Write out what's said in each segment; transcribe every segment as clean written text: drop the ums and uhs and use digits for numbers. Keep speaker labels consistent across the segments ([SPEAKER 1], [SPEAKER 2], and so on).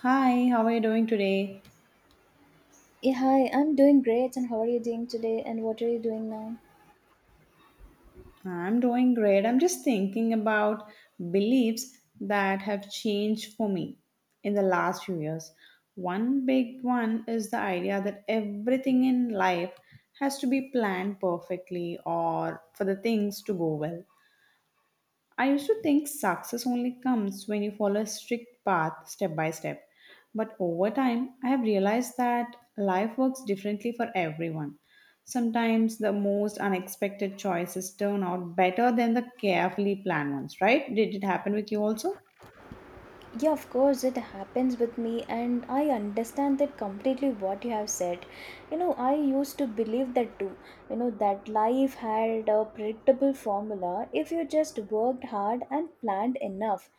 [SPEAKER 1] Hi, how are you doing today?
[SPEAKER 2] Yeah, hi, I'm doing great. And how are you doing today? And what are you doing now?
[SPEAKER 1] I'm doing great. I'm just thinking about beliefs that have changed for me in the last few years. One big one is the idea that everything in life has to be planned perfectly or for the things to go well. I used to think success only comes when you follow a strict path step by step. But over time, I have realized that life works differently for everyone. Sometimes the most unexpected choices turn out better than the carefully planned ones, right? Did it happen with you also?
[SPEAKER 2] Yeah, of course, it happens with me, and I understand that completely what you have said. I used to believe that too. That life had a predictable formula if you just worked hard and planned enough.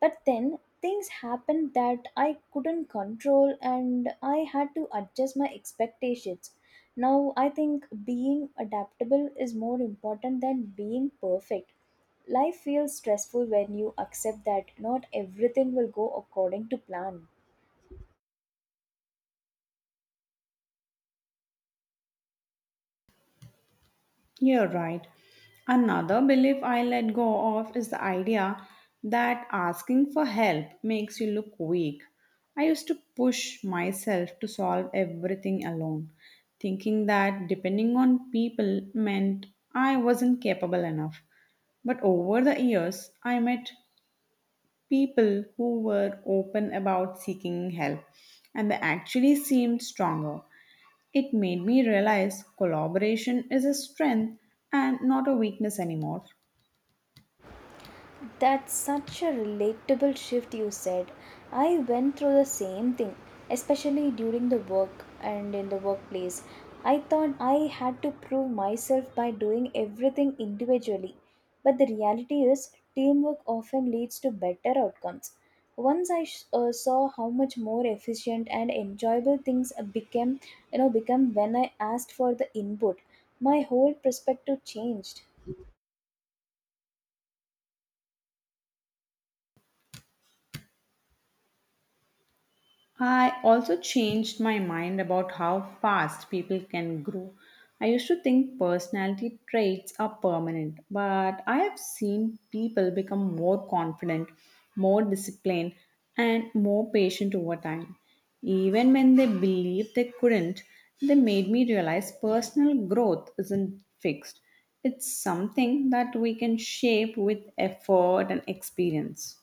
[SPEAKER 2] But then things happened that I couldn't control, and I had to adjust my expectations. Now, I think being adaptable is more important than being perfect. Life feels stressful when you accept that not everything will go according to plan.
[SPEAKER 1] You're right. Another belief I let go of is the idea that asking for help makes you look weak. I used to push myself to solve everything alone, thinking that depending on people meant I wasn't capable enough. But over the years, I met people who were open about seeking help and they actually seemed stronger. It made me realize collaboration is a strength and not a weakness anymore.
[SPEAKER 2] That's such a relatable shift you said. I went through the same thing, especially during the work and in the workplace. I thought I had to prove myself by doing everything individually, but the reality is, teamwork often leads to better outcomes. Once I saw how much more efficient and enjoyable things became, you know, become when I asked for the input, my whole perspective changed.
[SPEAKER 1] I also changed my mind about how fast people can grow. I used to think personality traits are permanent, but I have seen people become more confident, more disciplined, and more patient over time. Even when they believed they couldn't, they made me realize personal growth isn't fixed. It's something that we can shape with effort and experience.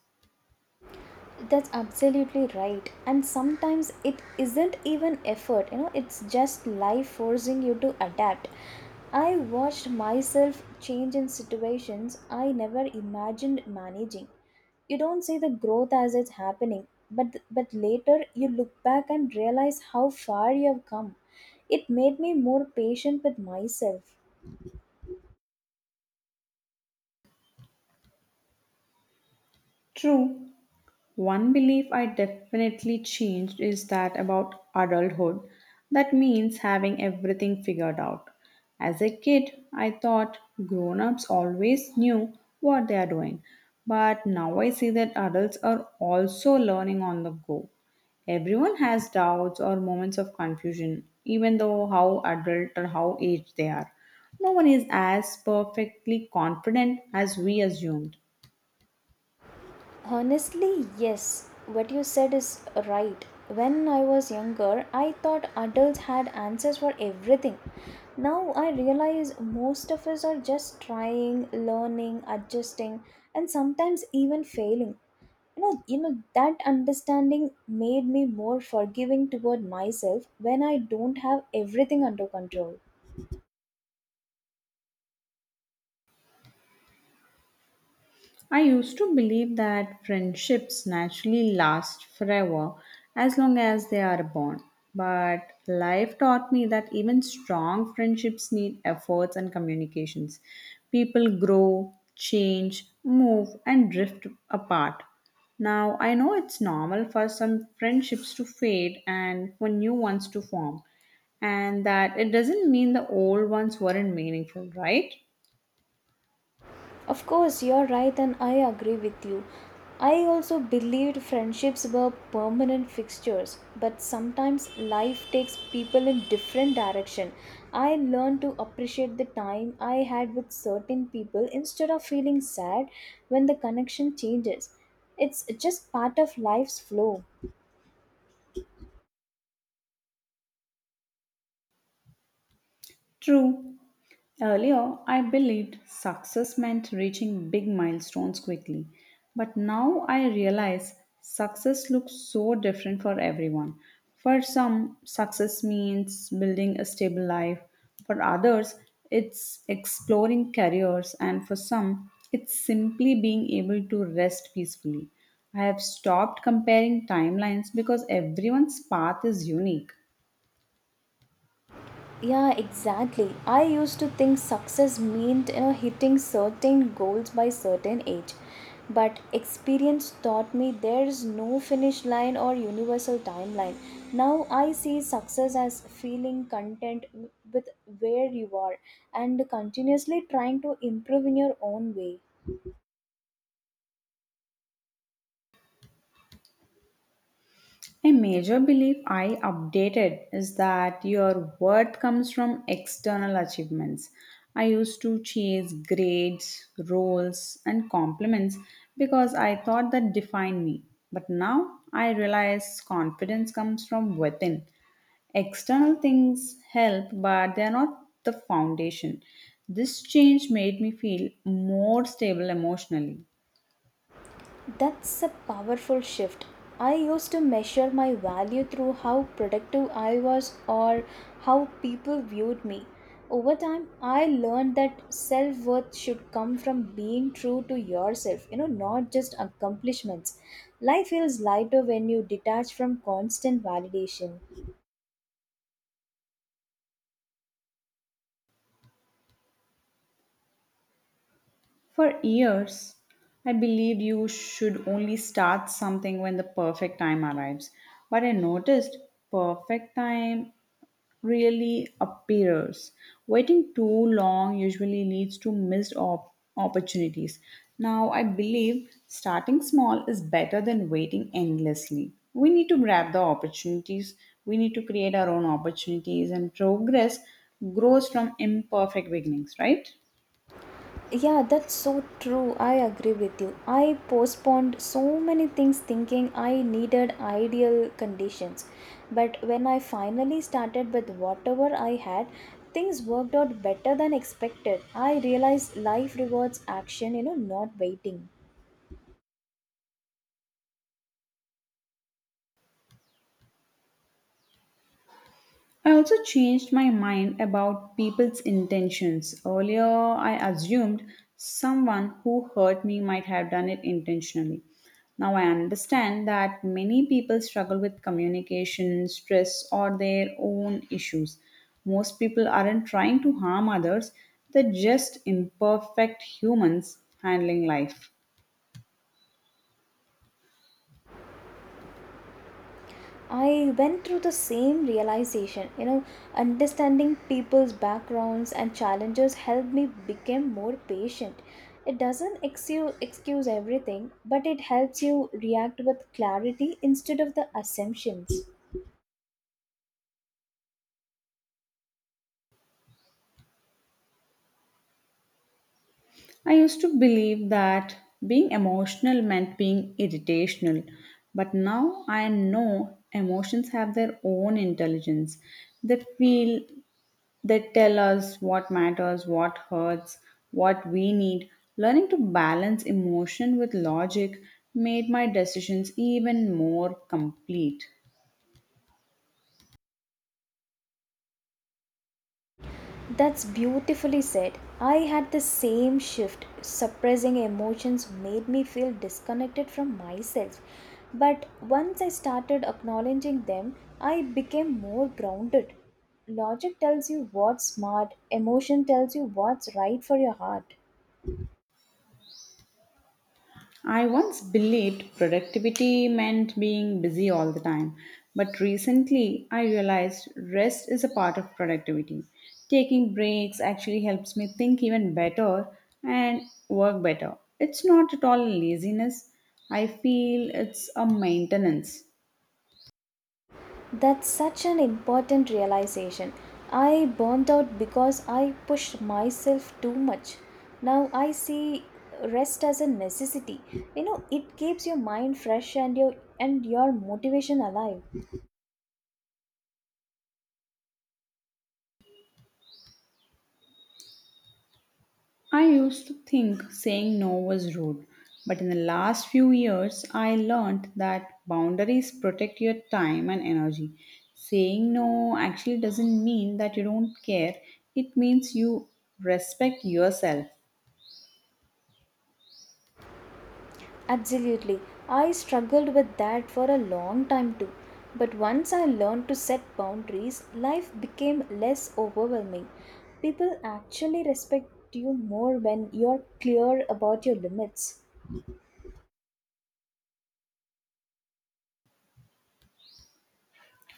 [SPEAKER 2] That's absolutely right. And sometimes it isn't even effort, it's just life forcing you to adapt. I watched myself change in situations I never imagined managing. You don't see the growth as it's happening, but later you look back and realize how far you have come. It made me more patient with myself.
[SPEAKER 1] True. One belief I definitely changed is that about adulthood. That means having everything figured out. As a kid, I thought grown ups always knew what they are doing. But now I see that adults are also learning on the go. Everyone has doubts or moments of confusion, even though how adult or how aged they are. No one is as perfectly confident as we assumed.
[SPEAKER 2] Honestly, yes. What you said is right. When I was younger, I thought adults had answers for everything. Now I realize most of us are just trying, learning, adjusting, and sometimes even failing. You know that understanding made me more forgiving toward myself when I don't have everything under control.
[SPEAKER 1] I used to believe that friendships naturally last forever as long as they are born. But life taught me that even strong friendships need efforts and communications. People grow, change, move, and drift apart. Now, I know it's normal for some friendships to fade and for new ones to form, and that it doesn't mean the old ones weren't meaningful, right?
[SPEAKER 2] Of course, you're right, and I agree with you. I also believed friendships were permanent fixtures, but sometimes life takes people in different direction. I learned to appreciate the time I had with certain people instead of feeling sad when the connection changes. It's just part of life's flow.
[SPEAKER 1] True. Earlier, I believed success meant reaching big milestones quickly, but now I realize success looks so different for everyone. For some, success means building a stable life, for others, it's exploring careers, and for some, it's simply being able to rest peacefully. I have stopped comparing timelines because everyone's path is unique.
[SPEAKER 2] Yeah, exactly. I used to think success meant hitting certain goals by certain age. But experience taught me there is no finish line or universal timeline. Now I see success as feeling content with where you are and continuously trying to improve in your own way.
[SPEAKER 1] A major belief I updated is that your worth comes from external achievements. I used to chase grades, roles, and compliments because I thought that defined me. But now I realize confidence comes from within. External things help, but they are not the foundation. This change made me feel more stable emotionally.
[SPEAKER 2] That's a powerful shift. I used to measure my value through how productive I was or how people viewed me. Over time, I learned that self worth should come from being true to yourself, not just accomplishments. Life feels lighter when you detach from constant validation.
[SPEAKER 1] For years, I believed you should only start something when the perfect time arrives. But I noticed perfect time really appears. Waiting too long usually leads to missed opportunities. Now, I believe starting small is better than waiting endlessly. We need to grab the opportunities, we need to create our own opportunities, and progress grows from imperfect beginnings, right?
[SPEAKER 2] Yeah, that's so true. I agree with you. I postponed so many things thinking I needed ideal conditions. But when I finally started with whatever I had, things worked out better than expected. I realized life rewards action, not waiting.
[SPEAKER 1] I also changed my mind about people's intentions. Earlier, I assumed someone who hurt me might have done it intentionally. Now I understand that many people struggle with communication, stress, or their own issues. Most people aren't trying to harm others, they're just imperfect humans handling life.
[SPEAKER 2] I went through the same realization. Understanding people's backgrounds and challenges helped me become more patient. It doesn't excuse everything, but it helps you react with clarity instead of the assumptions.
[SPEAKER 1] I used to believe that being emotional meant being irritational, but now I know emotions have their own intelligence. They feel, they tell us what matters, what hurts, what we need. Learning to balance emotion with logic made my decisions even more complete.
[SPEAKER 2] That's beautifully said. I had the same shift. Suppressing emotions made me feel disconnected from myself. But once I started acknowledging them, I became more grounded. Logic tells you what's smart, emotion tells you what's right for your heart.
[SPEAKER 1] I once believed productivity meant being busy all the time, but recently I realized rest is a part of productivity. Taking breaks actually helps me think even better and work better. It's not at all laziness, I feel it's a maintenance.
[SPEAKER 2] That's such an important realization. I burnt out because I pushed myself too much. Now I see rest as a necessity. You know, it keeps your mind fresh and your motivation alive.
[SPEAKER 1] I used to think saying no was rude, but in the last few years, I learned that boundaries protect your time and energy. Saying no actually doesn't mean that you don't care, it means you respect yourself.
[SPEAKER 2] Absolutely. I struggled with that for a long time too. But once I learned to set boundaries, life became less overwhelming. People actually respect you more when you're clear about your limits.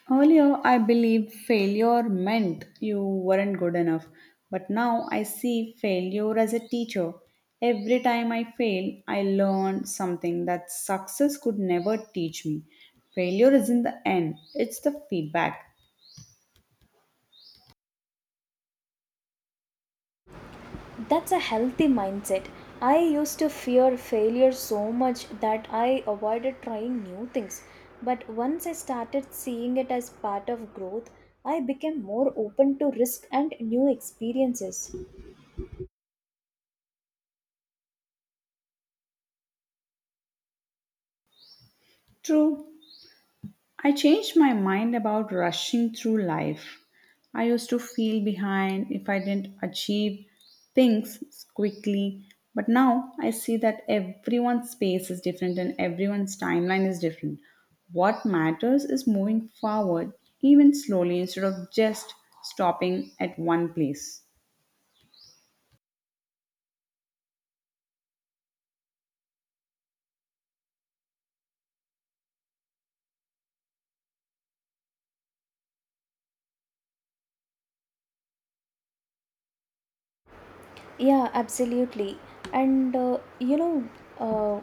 [SPEAKER 1] Earlier, I believed failure meant you weren't good enough, but now I see failure as a teacher. Every time I fail, I learn something that success could never teach me. Failure isn't the end, it's the feedback.
[SPEAKER 2] That's a healthy mindset. I used to fear failure so much that I avoided trying new things. But once I started seeing it as part of growth, I became more open to risk and new experiences.
[SPEAKER 1] True. I changed my mind about rushing through life. I used to feel behind if I didn't achieve things quickly, but now I see that everyone's pace is different and everyone's timeline is different. What matters is moving forward, even slowly, instead of just stopping at one place.
[SPEAKER 2] Yeah, absolutely. And uh, you know, uh,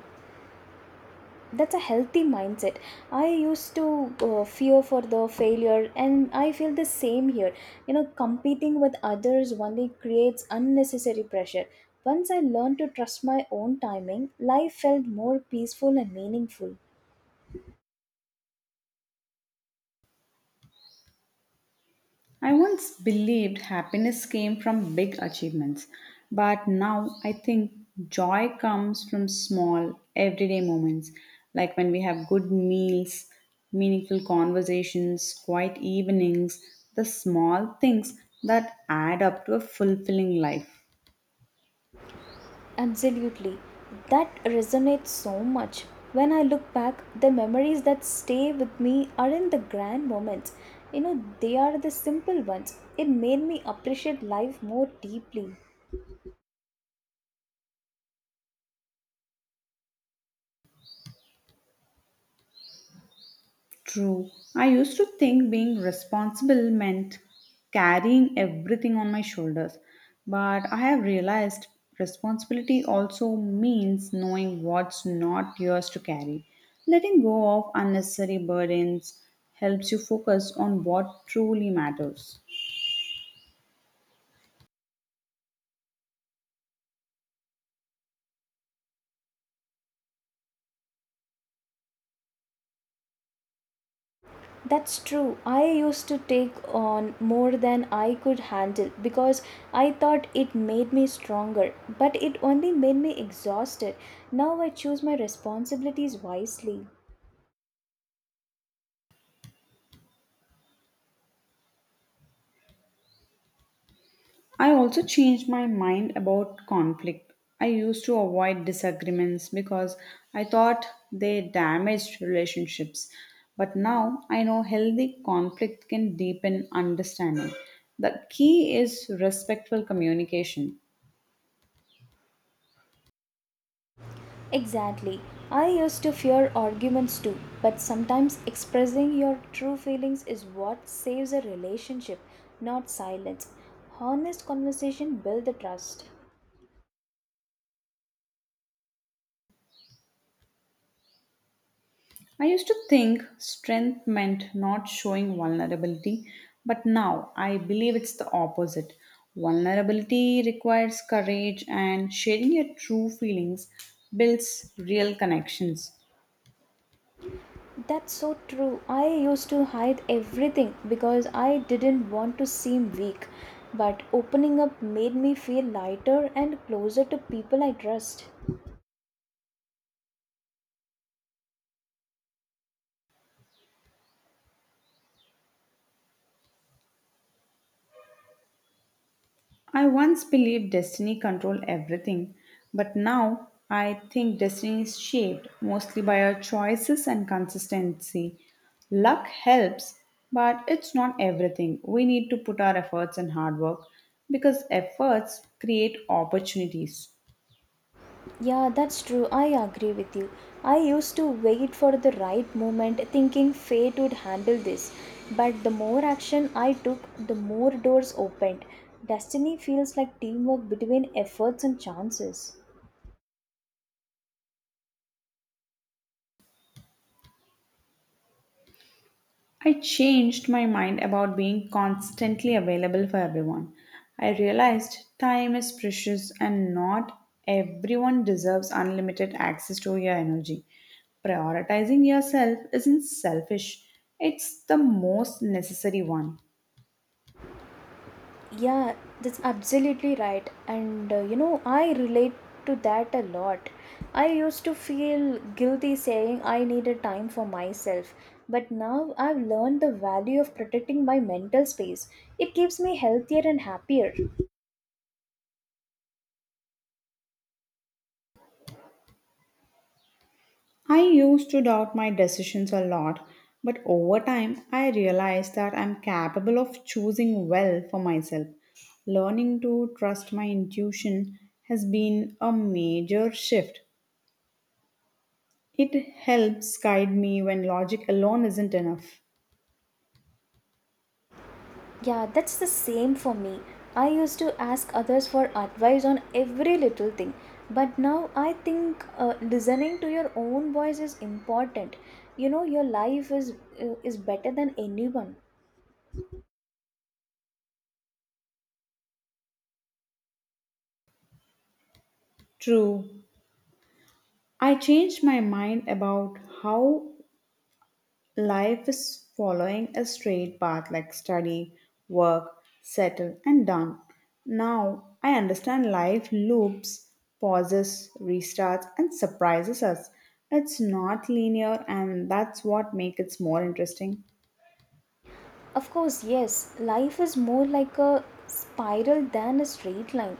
[SPEAKER 2] that's a healthy mindset. I used to fear for the failure and I feel the same here. You know, competing with others only creates unnecessary pressure. Once I learned to trust my own timing, life felt more peaceful and meaningful.
[SPEAKER 1] I once believed happiness came from big achievements, but now I think joy comes from small, everyday moments, like when we have good meals, meaningful conversations, quiet evenings, the small things that add up to a fulfilling life.
[SPEAKER 2] Absolutely. That resonates so much. When I look back, the memories that stay with me aren't the grand moments. You know, they are the simple ones. It made me appreciate life more deeply.
[SPEAKER 1] True. I used to think being responsible meant carrying everything on my shoulders, but I have realized responsibility also means knowing what's not yours to carry. Letting go of unnecessary burdens helps you focus on what truly matters.
[SPEAKER 2] That's true. I used to take on more than I could handle because I thought it made me stronger, but it only made me exhausted. Now I choose my responsibilities wisely.
[SPEAKER 1] I also changed my mind about conflict. I used to avoid disagreements because I thought they damaged relationships. But now I know healthy conflict can deepen understanding. The key is respectful communication.
[SPEAKER 2] Exactly. I used to fear arguments too, but sometimes expressing your true feelings is what saves a relationship, not silence. Honest conversation builds the trust.
[SPEAKER 1] I used to think strength meant not showing vulnerability, but now I believe it's the opposite. Vulnerability requires courage, and sharing your true feelings builds real connections.
[SPEAKER 2] That's so true. I used to hide everything because I didn't want to seem weak. But opening up made me feel lighter and closer to people I trust.
[SPEAKER 1] I once believed destiny controlled everything, but now I think destiny is shaped mostly by our choices and consistency. Luck helps, but it's not everything. We need to put our efforts and hard work because efforts create opportunities.
[SPEAKER 2] Yeah, that's true. I agree with you. I used to wait for the right moment thinking fate would handle this. But the more action I took, the more doors opened. Destiny feels like teamwork between efforts and chances.
[SPEAKER 1] I changed my mind about being constantly available for everyone. I realized time is precious and not everyone deserves unlimited access to your energy. Prioritizing yourself isn't selfish, it's the most necessary one.
[SPEAKER 2] Yeah, that's absolutely right. I relate to that a lot. I used to feel guilty saying I needed time for myself, but now I've learned the value of protecting my mental space. It keeps me healthier and happier.
[SPEAKER 1] I used to doubt my decisions a lot, but over time I realized that I'm capable of choosing well for myself. Learning to trust my intuition has been a major shift. It helps guide me when logic alone isn't enough.
[SPEAKER 2] Yeah, that's the same for me. I used to ask others for advice on every little thing, but now I think listening to your own voice is important. You know, your life is better than anyone.
[SPEAKER 1] True. I changed my mind about how life is following a straight path like study, work, settle, and done. Now I understand life loops, pauses, restarts, and surprises us. It's not linear, and that's what makes it more interesting.
[SPEAKER 2] Of course, yes, life is more like a spiral than a straight line.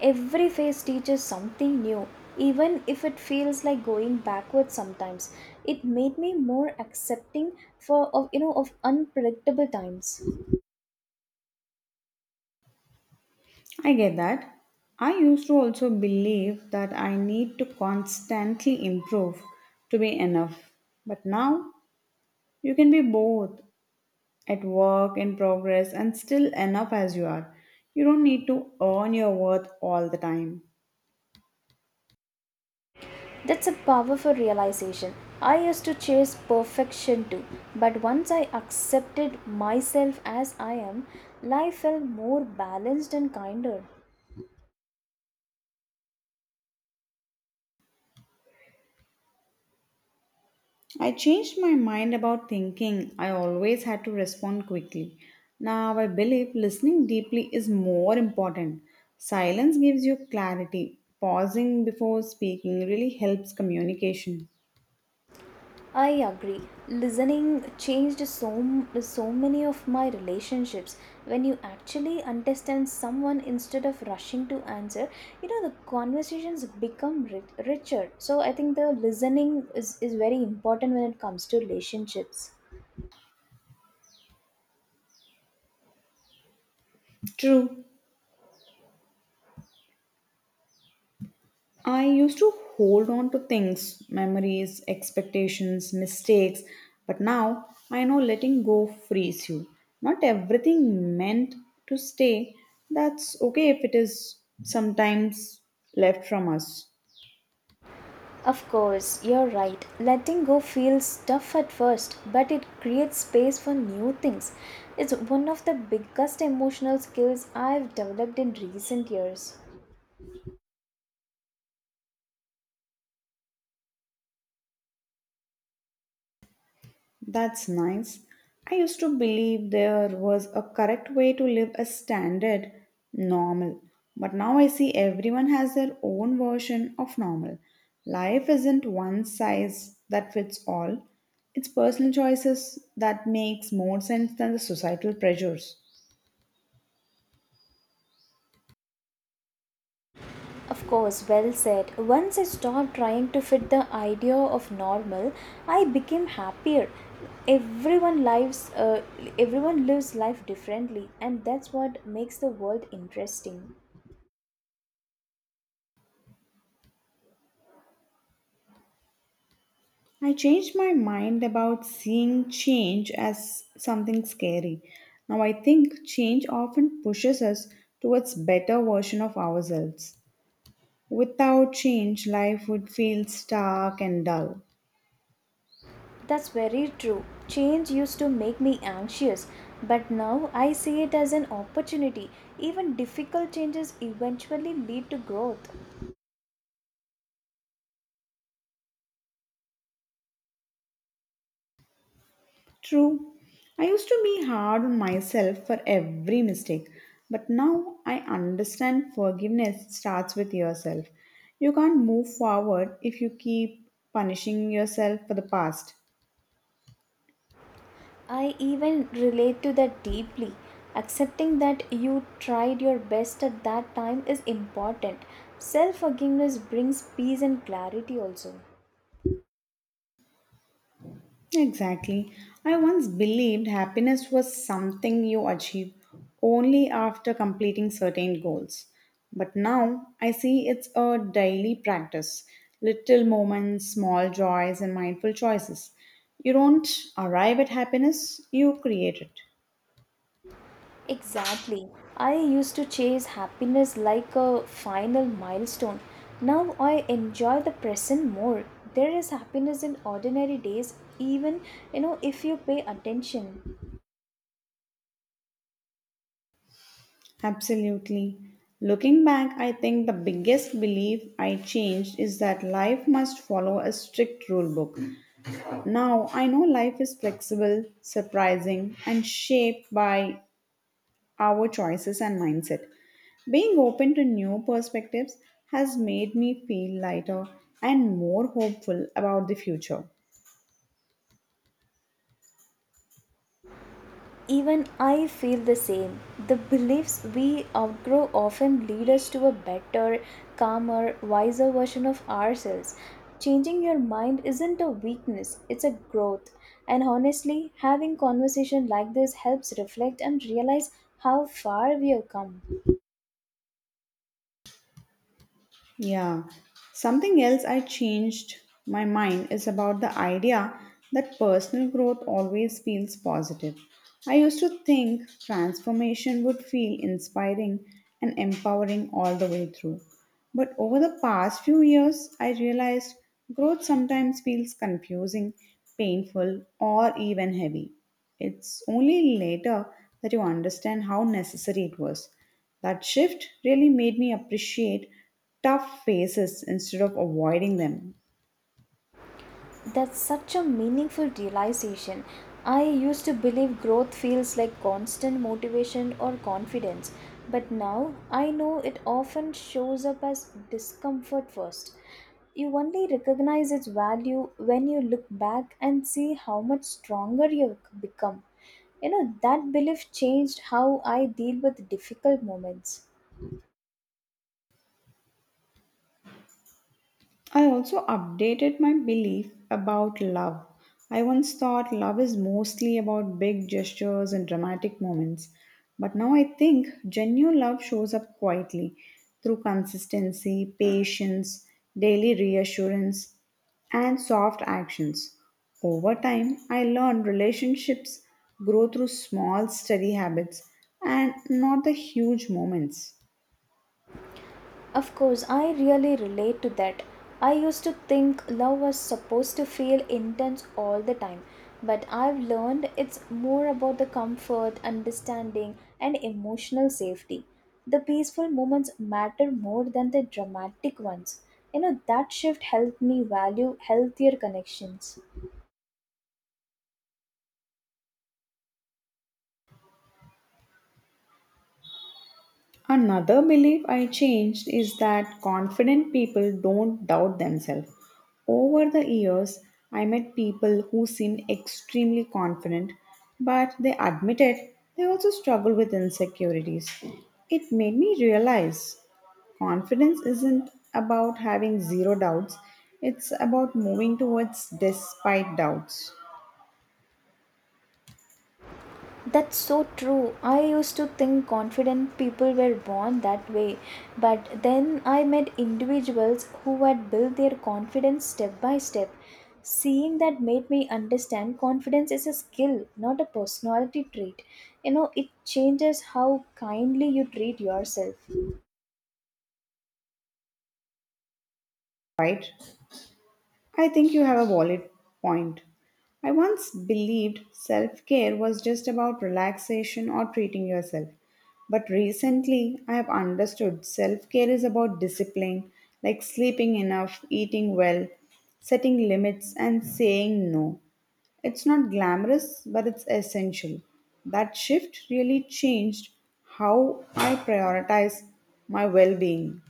[SPEAKER 2] Every phase teaches something new, even if it feels like going backwards sometimes. It made me more accepting for of of unpredictable times.
[SPEAKER 1] I get that. I used to also believe that I need to constantly improve to be enough. But now you can be both at work, in progress, and still enough as you are. You don't need to earn your worth all the time.
[SPEAKER 2] That's a powerful realization. I used to chase perfection too, but once I accepted myself as I am, life felt more balanced and kinder.
[SPEAKER 1] I changed my mind about thinking. I always had to respond quickly. Now I believe listening deeply is more important. Silence gives you clarity. Pausing before speaking really helps communication.
[SPEAKER 2] I agree. Listening changed so many of my relationships. When you actually understand someone instead of rushing to answer, the conversations become richer. So I think the listening is very important when it comes to relationships.
[SPEAKER 1] True. I used to hold on to things, memories, expectations, mistakes, but now I know letting go frees you. Not everything meant to stay, that's okay if it is sometimes left from us.
[SPEAKER 2] Of course, you're right. Letting go feels tough at first, but it creates space for new things. It's one of the biggest emotional skills I've developed in recent years.
[SPEAKER 1] That's nice. I used to believe there was a correct way to live a standard normal, but now I see everyone has their own version of normal. Life isn't one size that fits all. It's personal choices that makes more sense than the societal pressures.
[SPEAKER 2] Of course, well said. Once I stopped trying to fit the idea of normal, I became happier. Everyone lives, uh, Everyone lives life differently, and that's what makes the world interesting.
[SPEAKER 1] I changed my mind about seeing change as something scary. Now I think change often pushes us towards better version of ourselves. Without change, life would feel stark and dull.
[SPEAKER 2] That's very true. Change used to make me anxious, but now I see it as an opportunity. Even difficult changes eventually lead to growth.
[SPEAKER 1] True. I used to be hard on myself for every mistake, but now I understand forgiveness starts with yourself. You can't move forward if you keep punishing yourself for the past.
[SPEAKER 2] I even relate to that deeply. Accepting that you tried your best at that time is important. Self forgiveness brings peace and clarity also.
[SPEAKER 1] Exactly. I once believed happiness was something you achieve only after completing certain goals. But now I see it's a daily practice little moments, small joys, and mindful choices. You don't arrive at happiness, you create it.
[SPEAKER 2] Exactly. I used to chase happiness like a final milestone. Now I enjoy the present more. There is happiness in ordinary days, even if you pay attention.
[SPEAKER 1] Absolutely. Looking back, I think the biggest belief I changed is that life must follow a strict rule book. Now, I know life is flexible, surprising, and shaped by our choices and mindset. Being open to new perspectives has made me feel lighter and more hopeful about the future.
[SPEAKER 2] Even I feel the same. The beliefs we outgrow often lead us to a better, calmer, wiser version of ourselves. Changing your mind isn't a weakness, it's a growth. And honestly, having conversation like this helps reflect and realize how far we have come.
[SPEAKER 1] Yeah. Something else I changed my mind is about the idea that personal growth always feels positive. I used to think transformation would feel inspiring and empowering all the way through. But over the past few years, I realized growth sometimes feels confusing, painful, or even heavy. It's only later that you understand how necessary it was. That shift really made me appreciate tough faces instead of avoiding them.
[SPEAKER 2] That's such a meaningful realization. I used to believe growth feels like constant motivation or confidence, but now I know it often shows up as discomfort first. You only recognize its value when you look back and see how much stronger you've become. You know, that belief changed how I deal with difficult moments.
[SPEAKER 1] I also updated my belief about love. I once thought love is mostly about big gestures and dramatic moments, but now I think genuine love shows up quietly through consistency, patience, daily reassurance, and soft actions. Over time, I learned relationships grow through small, steady habits and not the huge moments.
[SPEAKER 2] Of course, I really relate to that. I used to think love was supposed to feel intense all the time, but I've learned it's more about the comfort, understanding, and emotional safety. The peaceful moments matter more than the dramatic ones. You know, that shift helped me value healthier connections.
[SPEAKER 1] Another belief I changed is that confident people don't doubt themselves. Over the years, I met people who seemed extremely confident, but they admitted they also struggle with insecurities. It made me realize confidence isn't about having zero doubts, it's about moving towards despite doubts,
[SPEAKER 2] That's so true. I used to think confident people were born that way, but then I met individuals who had built their confidence step by step. Seeing that made me understand confidence is a skill, not a personality trait. You know, it changes how kindly you treat yourself.
[SPEAKER 1] right? I think you have a valid point. I once believed self care was just about relaxation or treating yourself. But recently, I have understood self care is about discipline, like sleeping enough, eating well, setting limits, and saying no. It's not glamorous, but it's essential. That shift really changed how I prioritize my well being.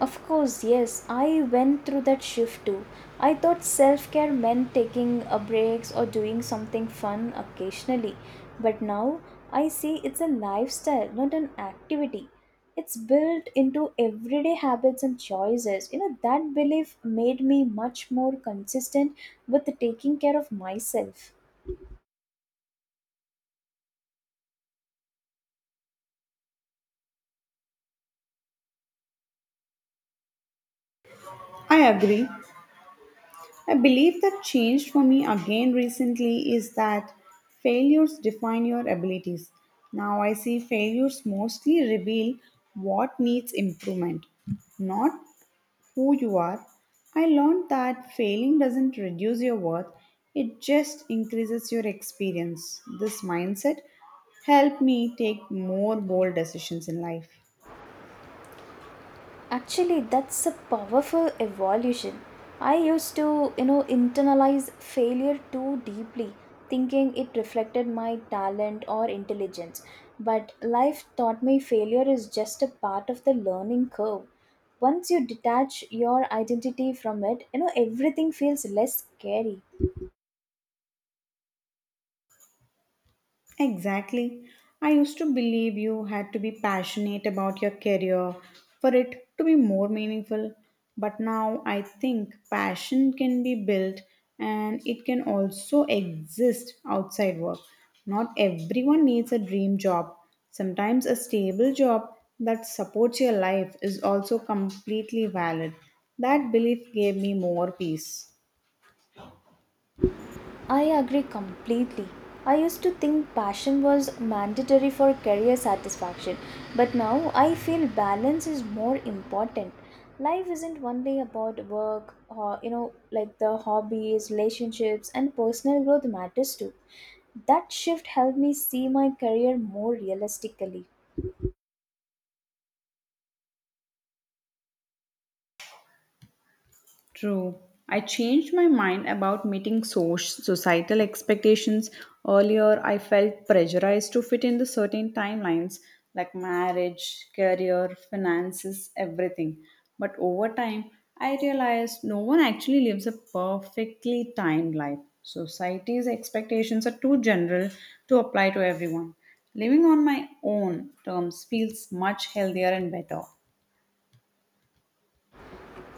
[SPEAKER 2] Of course, yes, I went through that shift too. I thought self care meant taking a breaks or doing something fun occasionally, but now I see it's a lifestyle, not an activity. It's built into everyday habits and choices. You know, that belief made me much more consistent with taking care of myself.
[SPEAKER 1] I agree. I believe that changed for me again recently is that failures define your abilities. Now I see failures mostly reveal what needs improvement, not who you are. I learned that failing doesn't reduce your worth, it just increases your experience. This mindset helped me take more bold decisions in life.
[SPEAKER 2] Actually, that's a powerful evolution. I used to, internalize failure too deeply, thinking it reflected my talent or intelligence. But life taught me failure is just a part of the learning curve. Once you detach your identity from it, everything feels less scary.
[SPEAKER 1] Exactly. I used to believe you had to be passionate about your career for it to be more meaningful. But now I think passion can be built and it can also exist outside work. Not everyone needs a dream job. Sometimes a stable job that supports your life is also completely valid. That belief gave me more peace.
[SPEAKER 2] I agree completely. I used to think passion was mandatory for career satisfaction, but now I feel balance is more important. Life isn't only about work or like the hobbies, relationships and personal growth matters too. That shift helped me see my career more realistically.
[SPEAKER 1] True. I changed my mind about meeting societal expectations. Earlier, I felt pressurized to fit in the certain timelines like marriage, career, finances, everything. But over time, I realized no one actually lives a perfectly timed life. Society's expectations are too general to apply to everyone. Living on my own terms feels much healthier and better.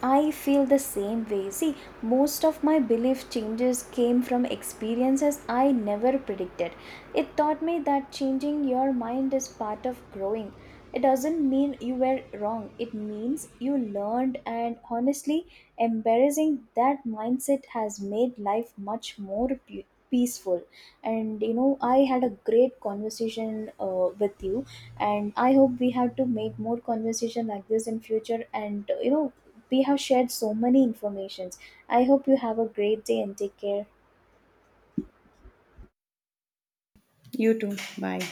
[SPEAKER 2] I feel the same way. See, most of my belief changes came from experiences I never predicted. It taught me that changing your mind is part of growing. It doesn't mean you were wrong, it means you learned, and honestly, embarrassing that mindset has made life much more peaceful. And you know, I had a great conversation with you, and I hope we have to make more conversation like this in future. And you know, we have shared so many informations. I hope you have a great day and take care.
[SPEAKER 1] You too. Bye.